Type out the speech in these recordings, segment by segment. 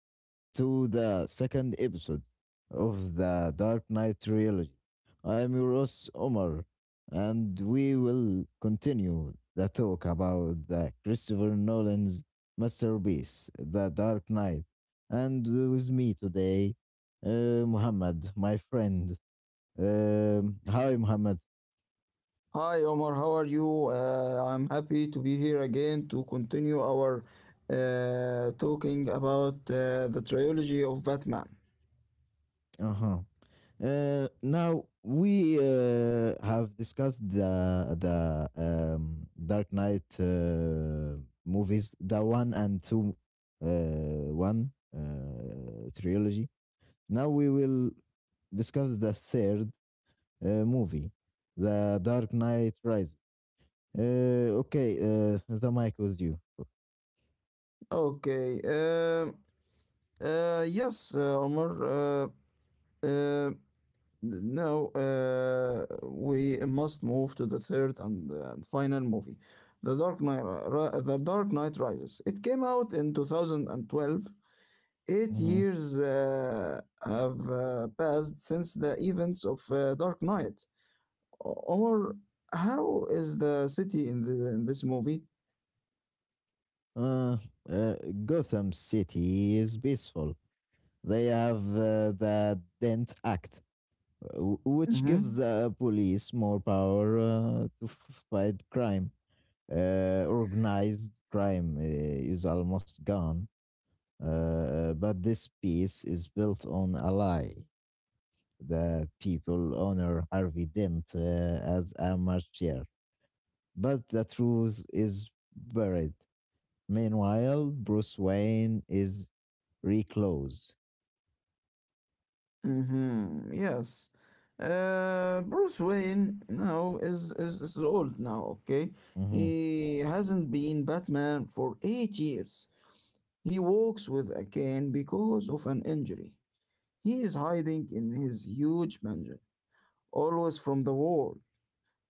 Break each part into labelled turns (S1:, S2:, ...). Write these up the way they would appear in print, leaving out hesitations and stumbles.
S1: Hello to the second episode of the Dark Knight trilogy. I am your host, Omar, and we will continue the talk about the Christopher Nolan's masterpiece, The Dark Knight. And with me today, Muhammad, my friend. Hi, Muhammad.
S2: Hi Omar, how are you? I'm happy to be here again to continue our talking about the trilogy of Batman.
S1: Uh huh. Now we have discussed the Dark Knight movies, the one and two, one trilogy. Now we will discuss the third movie, the Dark Knight Rises. Okay, the mic was you.
S2: Okay. Yes, Omar. Uh, Now we must move to the third and final movie, The Dark Knight. The Dark Knight Rises. It came out in 2012. Eight
S1: Mhm.
S2: years have passed since the events of Dark Knight. Or how is the city in this movie?
S1: Uh, uh, Gotham City is peaceful. They have the Dent Act which gives
S2: Mm-hmm.
S1: the police more power to fight crime. Organized crime is almost gone, but this piece is built on a lie. The people honor Harvey Dent as a martyr, but the truth is buried. Meanwhile, Bruce Wayne is reclose.
S2: Mm-hmm. Yes. Bruce Wayne now is old now. Okay,
S1: Mm-hmm,
S2: he hasn't been Batman for 8 years. He walks with a cane because of an injury. He is hiding in his huge mansion, always from the war,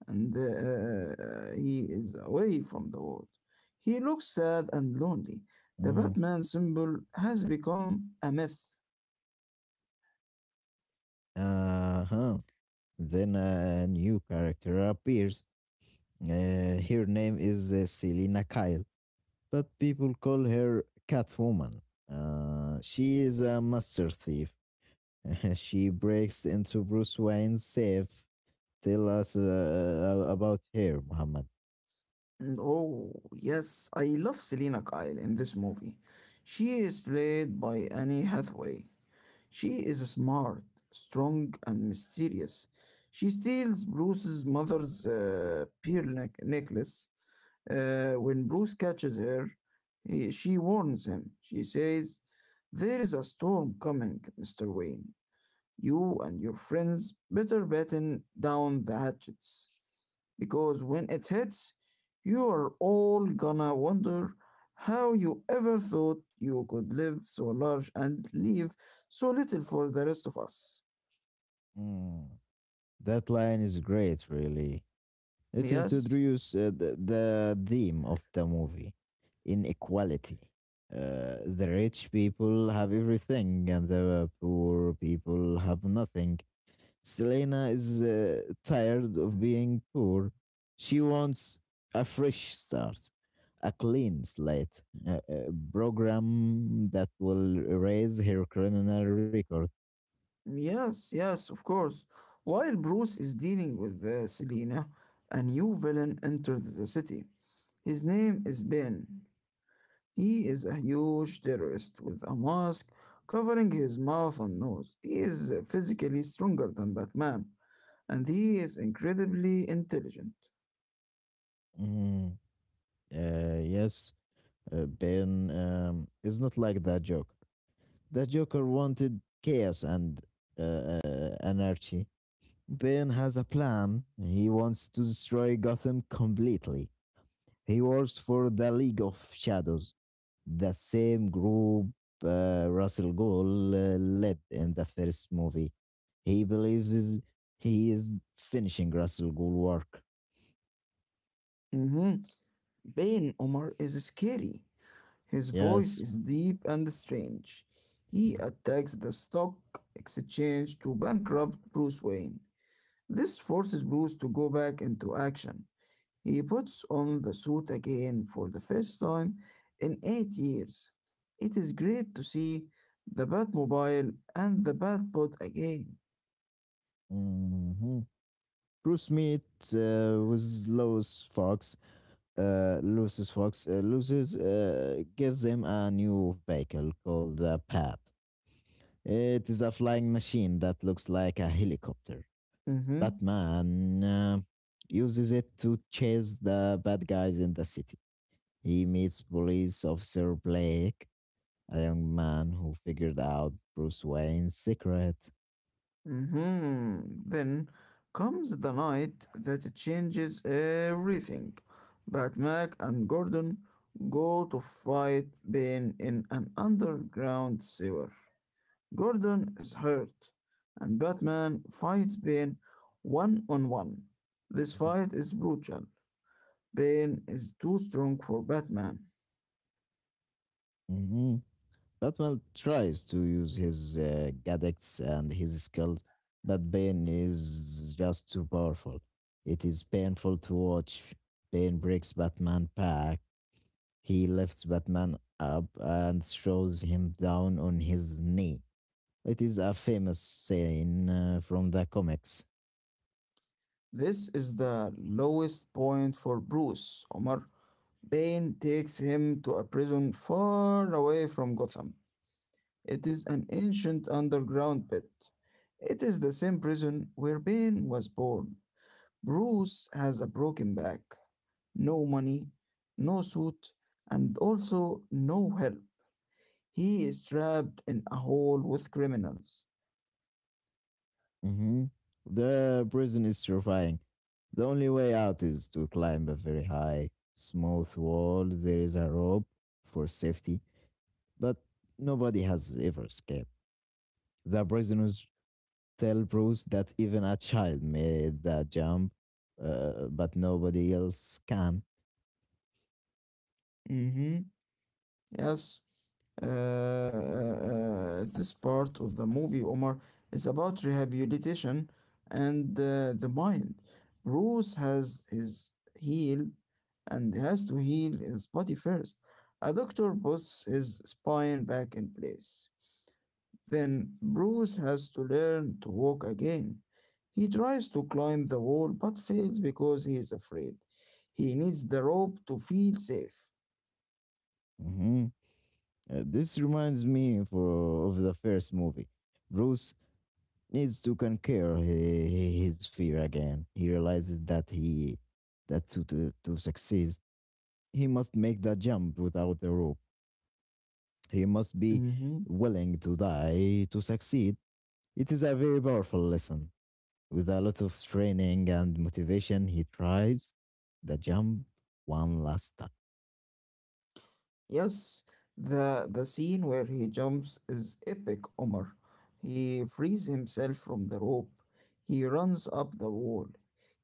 S2: and he is away from the world. He looks sad and lonely. The
S1: mm-hmm.
S2: Batman symbol has become a myth.
S1: Uh-huh. Then a new character appears. Her name is Selena Kyle, but people call her Catwoman. She is a master thief. She breaks into Bruce Wayne's safe. Tell us about her, Muhammad.
S2: And oh, yes, I love Selena Kyle in this movie. She is played by Annie Hathaway. She is smart, strong, and mysterious. She steals Bruce's mother's pearl necklace. When Bruce catches her, she warns him. She says, "There is a storm coming, Mr. Wayne. You and your friends better batten down the hatches, because when it hits, you are all gonna wonder how you ever thought you could live so large and leave so little for the rest of us."
S1: Mm, that line is great, really. It
S2: Yes?
S1: introduces the theme of the movie, inequality. The rich people have everything, and the poor people have nothing. Selena is tired of being poor. She wants a fresh start, a clean slate, a program that will erase her criminal record.
S2: Yes, yes, of course. While Bruce is dealing with Selena, a new villain enters the city. His name is Ben. He is a huge terrorist with a mask covering his mouth and nose. He is physically stronger than Batman, and he is incredibly intelligent.
S1: Mhm. Yes, Ben is not like the Joker. The Joker wanted chaos and anarchy. Ben has a plan. He wants to destroy Gotham completely. He works for the League of Shadows, the same group Russell Gould led in the first movie. He believes he is finishing Russell Gould work.
S2: Mm-hmm. Ben Omar is scary. His voice
S1: Yes.
S2: is deep and strange. He attacks the stock exchange to bankrupt Bruce Wayne. This forces Bruce to go back into action. He puts on the suit again for the first time in 8 years. It is great to see the Batmobile and the Batbot again.
S1: Hmm. Bruce Mead with Lewis Fox. Lewis gives him a new vehicle called the Pat. It is a flying machine that looks like a helicopter.
S2: Mhm.
S1: Batman uses it to chase the bad guys in the city. He meets police officer Blake, a young man who figured out Bruce Wayne's secret.
S2: Mhm. Then comes the night that changes everything. Batman and Gordon go to fight Bane in an underground sewer. Gordon is hurt, and Batman fights Bane one on one. This
S1: Mhm.
S2: fight is brutal. Bane is too strong for Batman.
S1: Mhm. Batman tries to use his gadgets and his skills, but Bane is just too powerful. It is painful to watch. Bane breaks Batman back. He lifts Batman up and throws him down on his knee. It is a famous scene from the comics.
S2: This is the lowest point for Bruce, Omar. Bane takes him to a prison far away from Gotham. It is an ancient underground pit. It is the same prison where Bane was born. Bruce has a broken back, no money, no suit, and also no help. He is trapped in a hole with criminals.
S1: Hmm. The prison is terrifying. The only way out is to climb a very high, smooth wall. There is a rope for safety, but nobody has ever escaped. The prisoners tell Bruce that even a child made the jump, but nobody else can.
S2: Mm-hmm. Yes. This part of the movie, Omar, is about rehabilitation and the mind. Bruce has his heal and has to heal his body first. A doctor puts his spine back in place. Then Bruce has to learn to walk again. He tries to climb the wall but fails because he is afraid. He needs the rope to feel safe.
S1: Mhm. This reminds me of the first movie. Bruce needs to conquer his fear again. He realizes that to succeed, he must make that jump without the rope. He must be
S2: Mm-hmm.
S1: willing to die to succeed. It is a very powerful lesson. With a lot of training and motivation, he tries the jump one last time.
S2: Yes, the scene where he jumps is epic, Omar. He frees himself from the rope. He runs up the wall.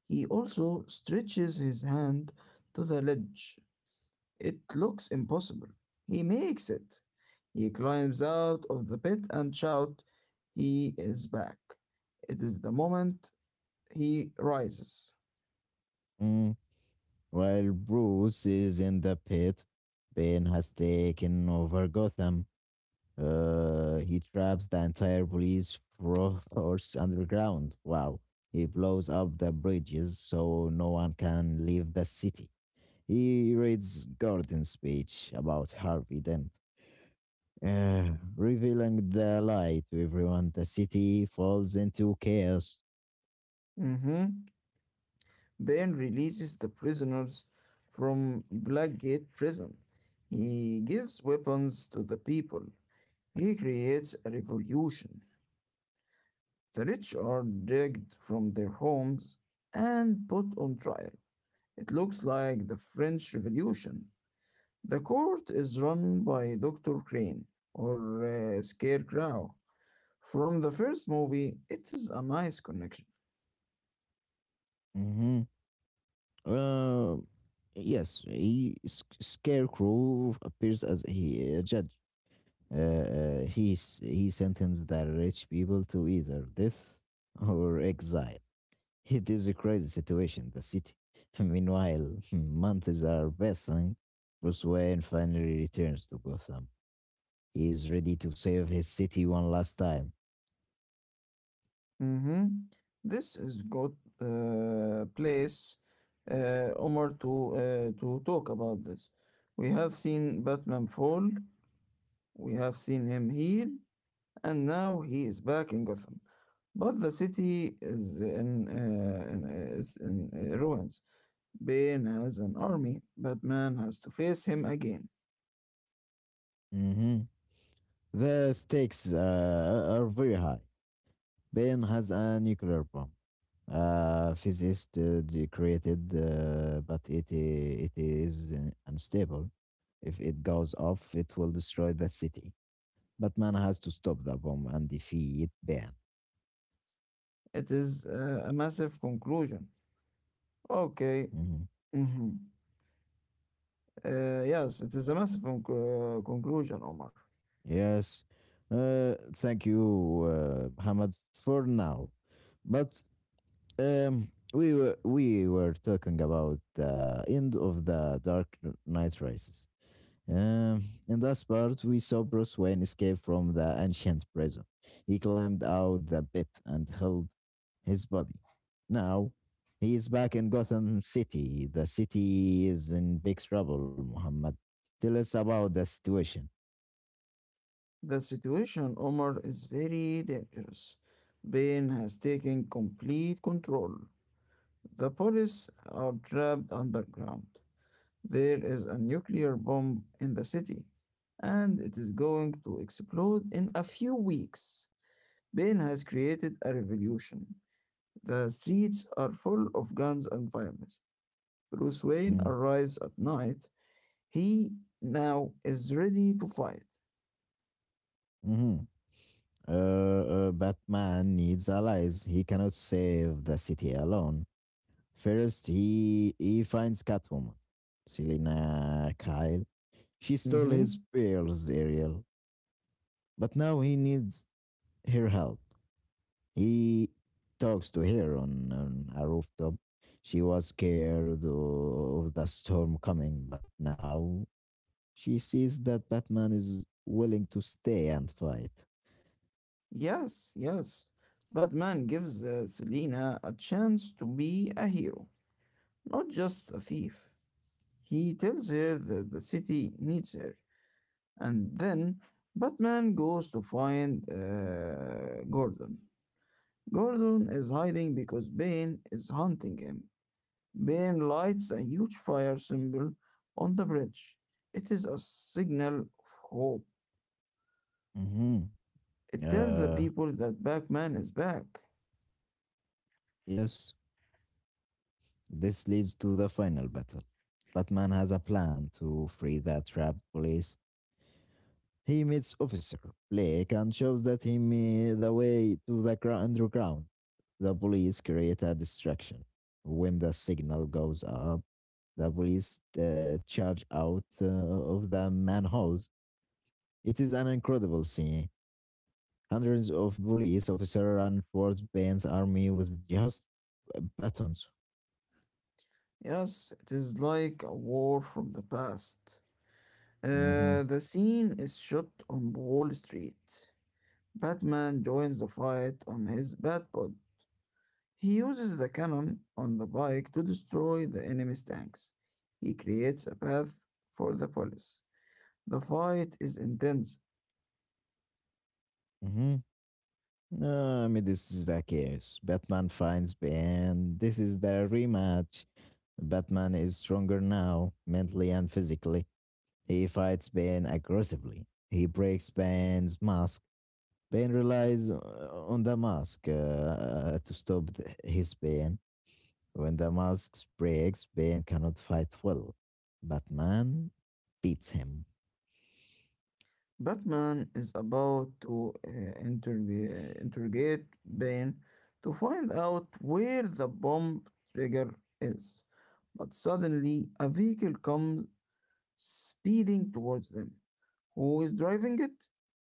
S2: He also stretches his hand to the ledge. It looks impossible. He makes it. He climbs out of the pit and shouts, "He is back." It is the moment he rises.
S1: Mm, while Bruce is in the pit, Ben has taken over Gotham. He traps the entire police force underground. Wow. He blows up the bridges so no one can leave the city. He reads Gordon's speech about Harvey Dent. Revealing the lie to everyone, the city falls into chaos.
S2: Mhm. Ben releases the prisoners from Blackgate prison. He gives weapons to the people. He creates a revolution. The rich are dragged from their homes and put on trial. It looks like the French Revolution. The court is run by Dr. Crane or Scarecrow. From the first movie, it is a nice connection.
S1: Hmm. Um, yes, Scarecrow appears as a judge. He sentenced the rich people to either death or exile. It is a crazy situation, the city. Meanwhile, months are passing. Bruce Wayne finally returns to Gotham. He is ready to save his city one last time.
S2: Mhm. This is good place, Omar, to to talk about this. We have seen Batman fall, we have seen him here, and now he is back in Gotham. But the city is in ruins. Bane has an army. Batman has to face him again.
S1: Hmm. The stakes are very high. Ben has a nuclear bomb. Physicists they created, but it is unstable. If it goes off, it will destroy the city. Batman has to stop the bomb and defeat Ban.
S2: It is a massive conclusion. Okay.
S1: Mhm.
S2: Mhm. Yes, it is a massive conclusion, Omar.
S1: Yes. Thank you, Hamad, for now. But we were talking about the end of the Dark Knight races. In that part, we saw Bruce Wayne escape from the ancient prison. He climbed out the pit and held his body. Now, he is back in Gotham City. The city is in big trouble, Muhammad. Tell us about the situation.
S2: The situation, Omar, is very dangerous. Bane has taken complete control. The police are trapped underground. There is a nuclear bomb in the city, and it is going to explode in a few weeks. Bane has created a revolution. The streets are full of guns and violence. Bruce Wayne
S1: Mm.
S2: arrives at night. He now is ready to fight.
S1: Mm-hmm. Batman needs allies. He cannot save the city alone. First, he finds Catwoman, Selina Kyle. She stole his
S2: Hmm.
S1: pearls, Ariel. But now he needs her help. He talks to her on a rooftop. She was scared of the storm coming, but now she sees that Batman is willing to stay and fight.
S2: Yes, yes. Batman gives Selina a chance to be a hero, not just a thief. He tells her that the city needs her, and then Batman goes to find Gordon. Gordon is hiding because Bane is hunting him. Ben lights a huge fire symbol on the bridge. It is a signal of hope.
S1: Hmm.
S2: It tells the
S1: Uh,
S2: people that Batman is back.
S1: yes, this leads to the final battle. Batman has a plan to free the trapped police. He meets Officer Blake and shows that him the way to the underground. The police create a distraction. When the signal goes up, the police charge out of the manholes. It is an incredible scene. Hundreds of police officers run towards Bane's army with just batons.
S2: Yes, it is like a war from the past.
S1: Hmm.
S2: The scene is shot on Wall Street. Batman joins the fight on his Batpod. He uses the cannon on the bike to destroy the enemy's tanks. He creates a path for the police. The fight is intense.
S1: Hmm. No, I mean, this is the case. Batman finds Bane. This is the rematch. Batman is stronger now, mentally and physically. He fights Bane aggressively. He breaks Bane's mask. Bane relies on the mask to stop his Bane. When the mask breaks, Bane cannot fight well. Batman beats him.
S2: Batman is about to interrogate Bane to find out where the bomb trigger is. But suddenly, a vehicle comes speeding towards them. Who is driving it?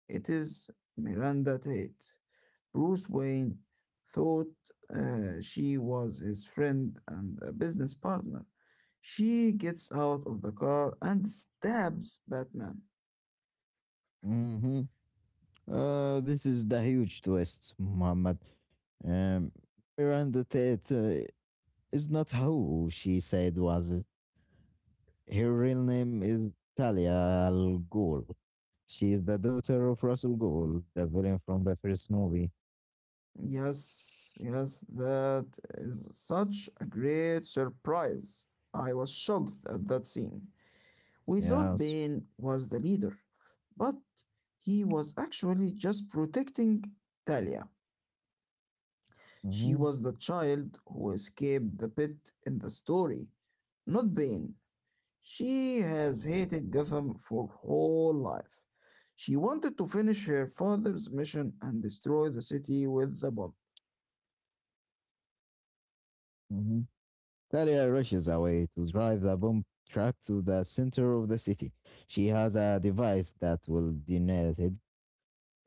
S2: It is Miranda Tate. Bruce Wayne thought she was his friend and a business partner. She gets out of the car and stabs Batman.
S1: Hmm. This is the huge twist, Muhammad. Um, Miranda Tate is not who she said was. It. Her real name is Talia Al Ghul. She is the daughter of Russell Ghul, the villain from the first movie.
S2: Yes, yes, that is such a great surprise. I was shocked at that scene. We thought
S1: Yes.
S2: Bane was the leader, but he was actually just protecting Talia. She
S1: Hmm.
S2: was the child who escaped the pit in the story, not Bane. She has hated Gotham for her whole life. She wanted to finish her father's mission and destroy the city with the bomb.
S1: Hmm. Talia rushes away to drive the bomb truck to the center of the city. She has a device that will detonate it.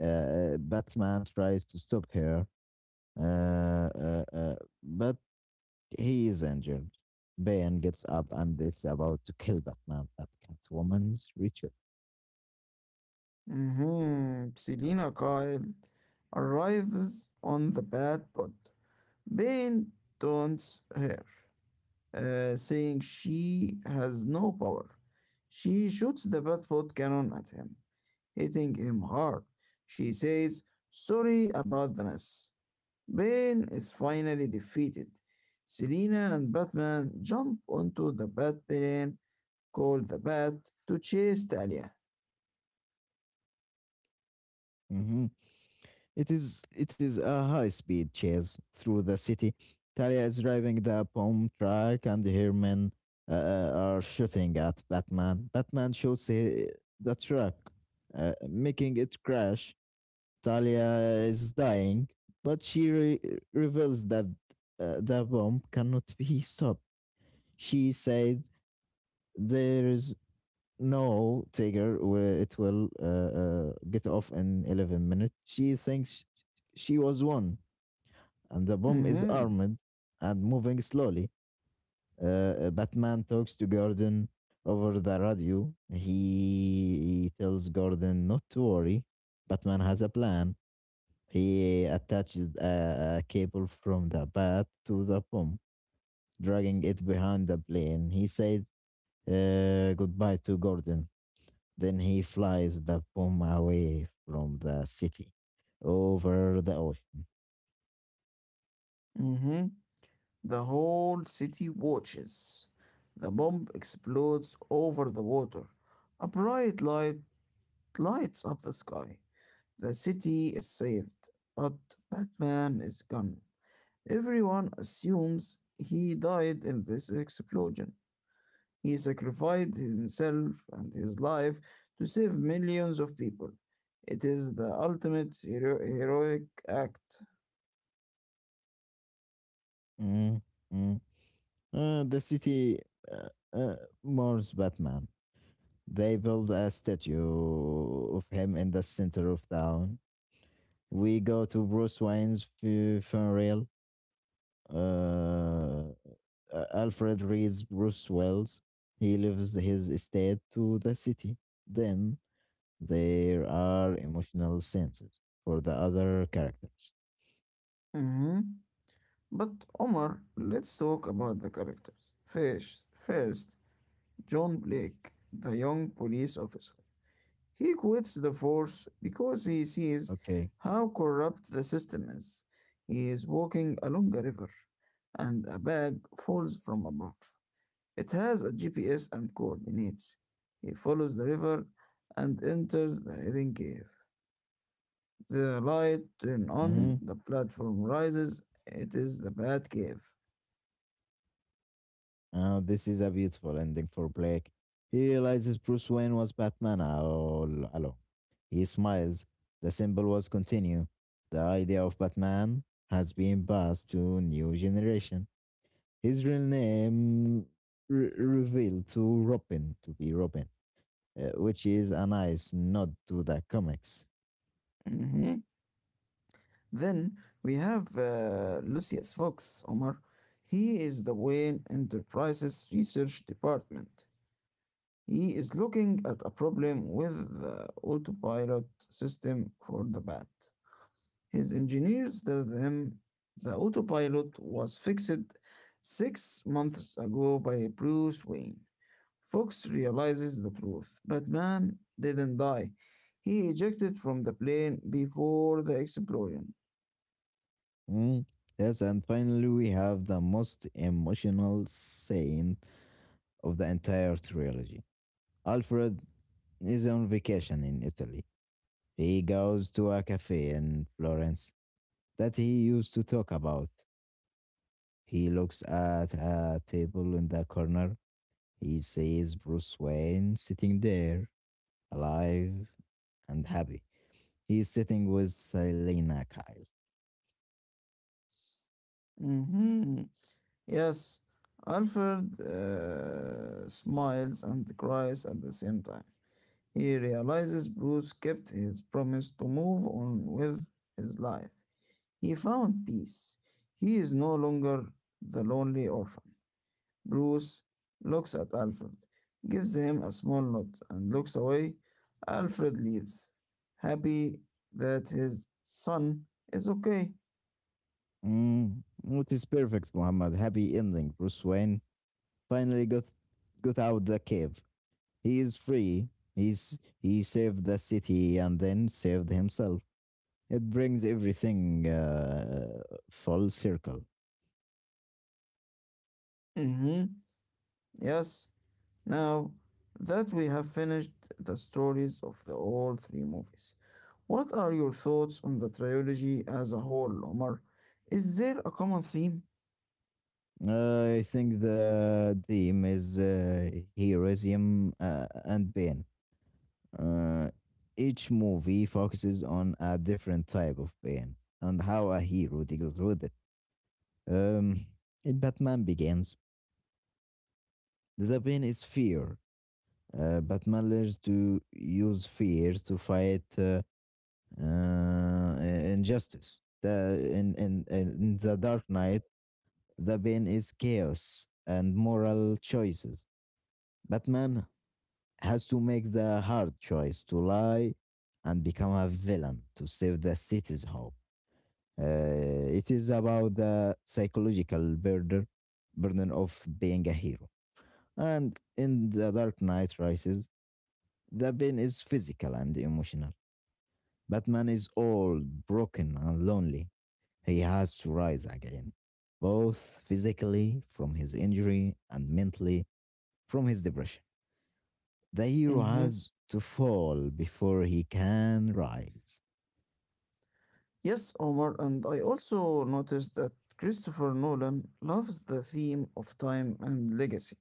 S1: Batman tries to stop her, uh, uh, uh, but he is injured. Bane gets up and is about to kill Batman at Catwoman's ritual.
S2: Hmm. Selina Kyle arrives on the bad pod. Bane taunts her, saying she has no power. She shoots the bad food cannon at him, hitting him hard. She says, "Sorry about the mess." Bane is finally defeated. Selina and Batman jump onto the Bat plane called the Bat to chase Talia.
S1: Mhm. It is a high speed chase through the city. Talia is driving the bomb truck, and her men are shooting at Batman. Batman shoots the truck, making it crash. Talia is dying, but she reveals that the bomb cannot be stopped. She says there is no, Tiger, it will get off in 11 minutes. She thinks she was one, and the bomb is
S2: Mm-hmm.
S1: armed and moving slowly. Batman talks to Gordon over the radio. He tells Gordon not to worry. Batman has a plan. He attaches a cable from the bat to the bomb, dragging it behind the plane. He says goodbye to Gordon. Then he flies the bomb away from the city over the ocean.
S2: Mm-hmm. The whole city watches. The bomb explodes over the water. A bright light lights up the sky. The city is saved, but Batman is gone. Everyone assumes he died in this explosion. He sacrificed himself and his life to save millions of people. It is the ultimate heroic act.
S1: Mm, mm. The city uh, uh, mourns Batman. They build a statue of him in the center of town. We go to Bruce Wayne's funeral. Uh, Alfred reads Bruce Wells. He leaves his estate to the city. Then there are emotional scenes for the other characters.
S2: But Omar, let's talk about the characters. First, John Blake, the young police officer. He quits the force because he sees
S1: Okay.
S2: how corrupt the system is. He is walking along a river, and a bag falls from above. It has a GPS and coordinates. He follows the river and enters the hidden cave. The light turns on,
S1: Mm-hmm.
S2: the platform rises. It is the Bat Cave.
S1: This is a beautiful ending for Blake. He realizes Bruce Wayne was Batman all along. He smiles. The symbol was continue. The idea of Batman has been passed to new generation. His real name revealed to Robin to be Robin, which is a nice nod to the comics.
S2: Mhm. Then we have Lucius Fox, Omar. He is the Wayne Enterprises Research Department. He is looking at a problem with the autopilot system for the bat. His engineers tell him the autopilot was fixed 6 months ago by Bruce Wayne. Fox realizes the truth. Batman didn't die. He ejected from the plane before the explosion.
S1: Mm. Yes, and finally we have the most emotional scene of the entire trilogy. Alfred is on vacation in Italy. He goes to a cafe in Florence that he used to talk about. He looks at a table in the corner. He sees Bruce Wayne sitting there, alive and happy. He's sitting with Selena Kyle.
S2: Hmm. Yes, Alfred smiles and cries at the same time. He realizes Bruce kept his promise to move on with his life. He found peace. He is no longer the lonely orphan. Bruce looks at Alfred, gives him a small nod, and looks away. Alfred leaves, happy that his son is okay.
S1: Mm, it is perfect, Muhammad. Happy ending. Bruce Wayne finally got out the cave. He is free. He saved the city and then saved himself. It brings everything full circle.
S2: Hmm. Yes, now that we have finished the stories of the all three movies, what are your thoughts on the trilogy as a whole, Omar? Is there a common theme?
S1: I think the theme is heroism and pain. Uh, each movie focuses on a different type of pain and how a hero deals with it. Um, in Batman Begins, the pain is fear. Batman learns to use fear to fight injustice. In The Dark Knight, the pain is chaos and moral choices. Batman has to make the hard choice to lie and become a villain to save the city's hope. Uh, it is about the psychological burden of being a hero. And in The Dark Knight Rises, the pain is physical and emotional. Batman is old, broken, and lonely. He has to rise again, both physically from his injury and mentally from his depression. The hero
S2: Hmm.
S1: has to fall before he can rise.
S2: Yes, Omar, and I also noticed that Christopher Nolan loves the theme of time and legacy.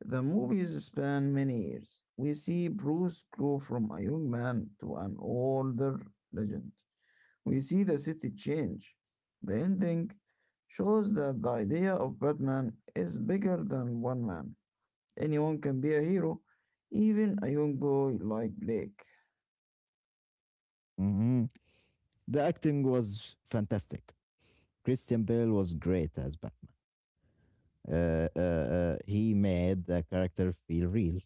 S2: The movies span many years. We see Bruce grow from a young man to an older legend. We see the city change. The ending shows that the idea of Batman is bigger than one man. Anyone can be a hero, even a young boy like Blake.
S1: Mhm. The acting was fantastic. Christian Bale was great as Batman. He made the character feel real.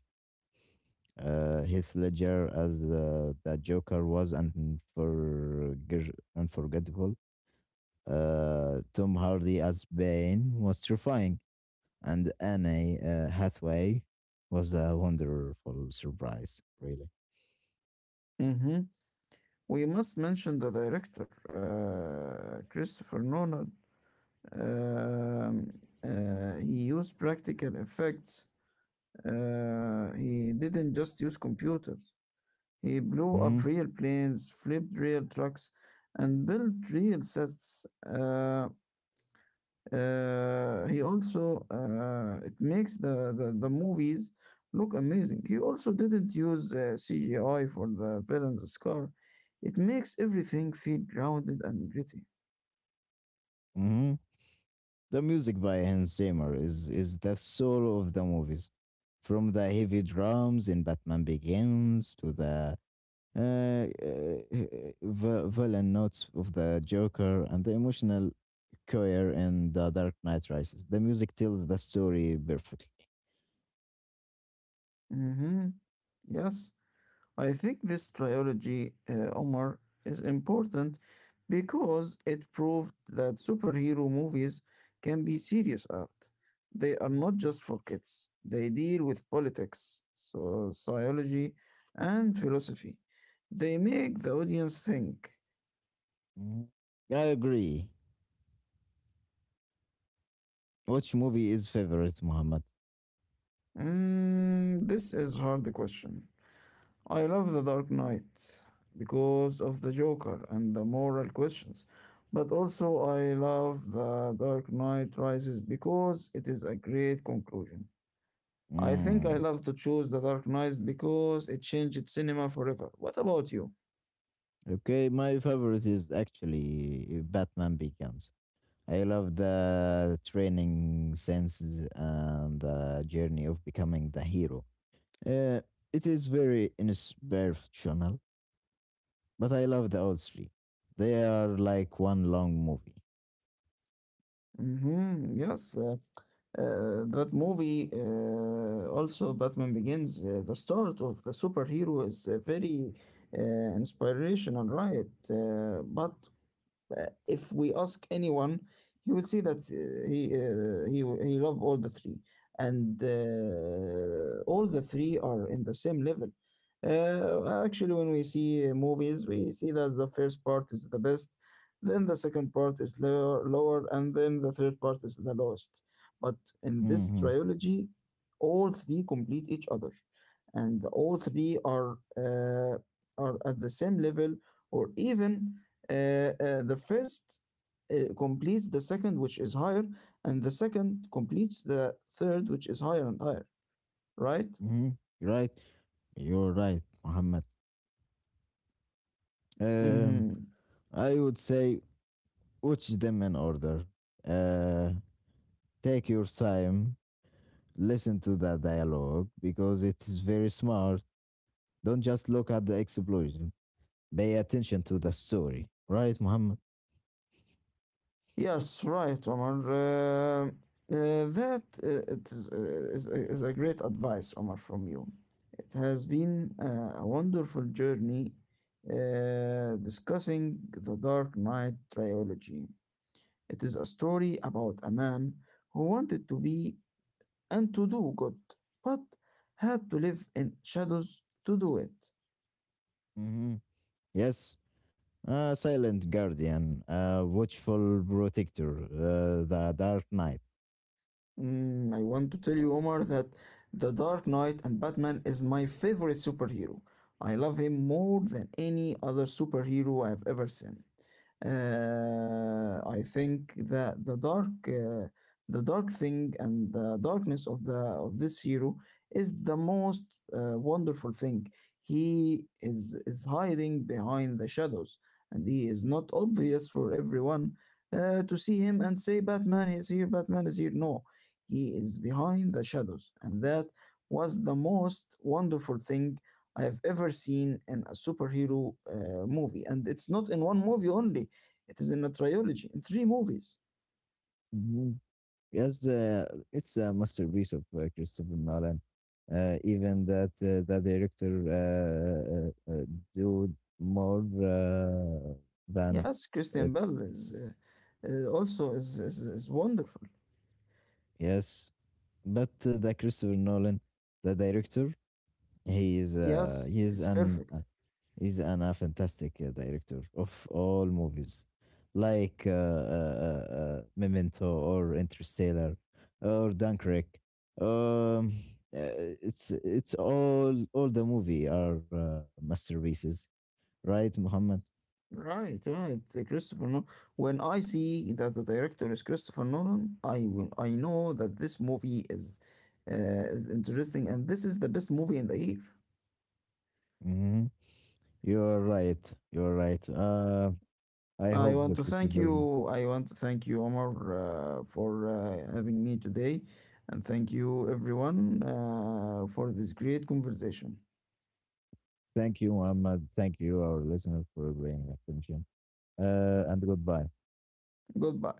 S1: Heath Ledger as the Joker was unforgettable. Tom Hardy as Bane was terrifying. And Anne Hathaway was a wonderful surprise, really.
S2: Hmm. We must mention the director, Christopher Nolan. Um, he used practical effects. He didn't just use computers. He blew
S1: Mm-hmm.
S2: up real planes, flipped real trucks, and built real sets. He also It makes the movies look amazing. He also didn't use CGI for the villain's scar. It makes everything feel grounded and gritty.
S1: Mm-hmm. The music by Hans Zimmer is the soul of the movies, from the heavy drums in Batman Begins to the uh, villain notes of the Joker and the emotional choir in The Dark Knight Rises. The music tells the story perfectly.
S2: Mm-hmm. Yes. I think this trilogy, Omar, is important because it proved that superhero movies can be serious art. They are not just for kids, they deal with politics, so sociology, and philosophy. They make the audience think.
S1: Mm. I agree. Which movie is favorite, Muhammad?
S2: Mm, this is hard question. I love The Dark Knight because of the Joker and the moral questions, but also I love The Dark Knight Rises because it is a great conclusion. I think I
S1: Mm.
S2: love to choose The Dark Knight because it changed cinema forever. What about you?
S1: Okay, my favorite is actually Batman Begins. I love the training senses and the journey of becoming the hero. Uh, it is very inspirational, but I love the old three. They are like one long movie.
S2: Mm-hmm. Yes, that movie, also Batman Begins, the start of the superhero is very inspirational, right? But If we ask anyone, he will see that he love all the three, and all the three are in the same level. Actually, when we see movies, we see that the first part is the best, then the second part is lower, lower, and then the third part is the lowest. But in this
S1: Mm-hmm.
S2: trilogy, all three complete each other, and all three are at the same level or even uh, the first completes the second, which is higher, and the second completes the third, which is higher and higher, right?
S1: Mm-hmm. Right? You're right, Muhammad. Um,
S2: Mm-hmm.
S1: I would say watch them in order. Uh, Take your time, listen to the dialogue because it is very smart. Don't just look at the explosions. Pay attention to the story, right, Muhammad?
S2: Yes, right, Omar. That It is a great advice, Omar, from you. It has been a wonderful journey discussing the Dark Knight trilogy. It is a story about a man who wanted to be and to do good, but had to live in shadows to do it.
S1: Hmm. Yes, a silent guardian, a watchful protector, the Dark Knight.
S2: Mm, I want to tell you, Omar, that The Dark Knight and Batman is my favorite superhero. I love him more than any other superhero I've ever seen. I think that the dark thing and the darkness of the of this hero is the most wonderful thing. He is hiding behind the shadows, and he is not obvious for everyone to see him and say, "Batman is here, Batman is here." No, he is behind the shadows, and that was the most wonderful thing I have ever seen in a superhero movie. And it's not in one movie only, it is in a trilogy, in three movies.
S1: Hmm. Yes, it's a masterpiece of Christopher Nolan. Even that the director do more than
S2: Yes,
S1: it.
S2: Christian Bell is also is wonderful.
S1: Yes, but the Christopher Nolan, the director,
S2: Yes,
S1: he is
S2: it's
S1: an
S2: perfect.
S1: he's an, a fantastic director of all movies, like Memento or Interstellar or Dunkirk. Um, uh, it's all the movie are masterpieces, right, Muhammad?
S2: Right, right. Christopher Nolan. When I see that the director is Christopher Nolan, I will. I know that this movie uh, is interesting, and this is the best movie in the year.
S1: Hmm. You're right. You're right. I
S2: I
S1: hope
S2: want to
S1: that was a
S2: thank
S1: very-
S2: you. I want to thank you, Omar, for having me today. And thank you, everyone, for this great conversation.
S1: Thank you, Muhammad. Thank you, our listener, for bringing attention. And goodbye.
S2: Goodbye.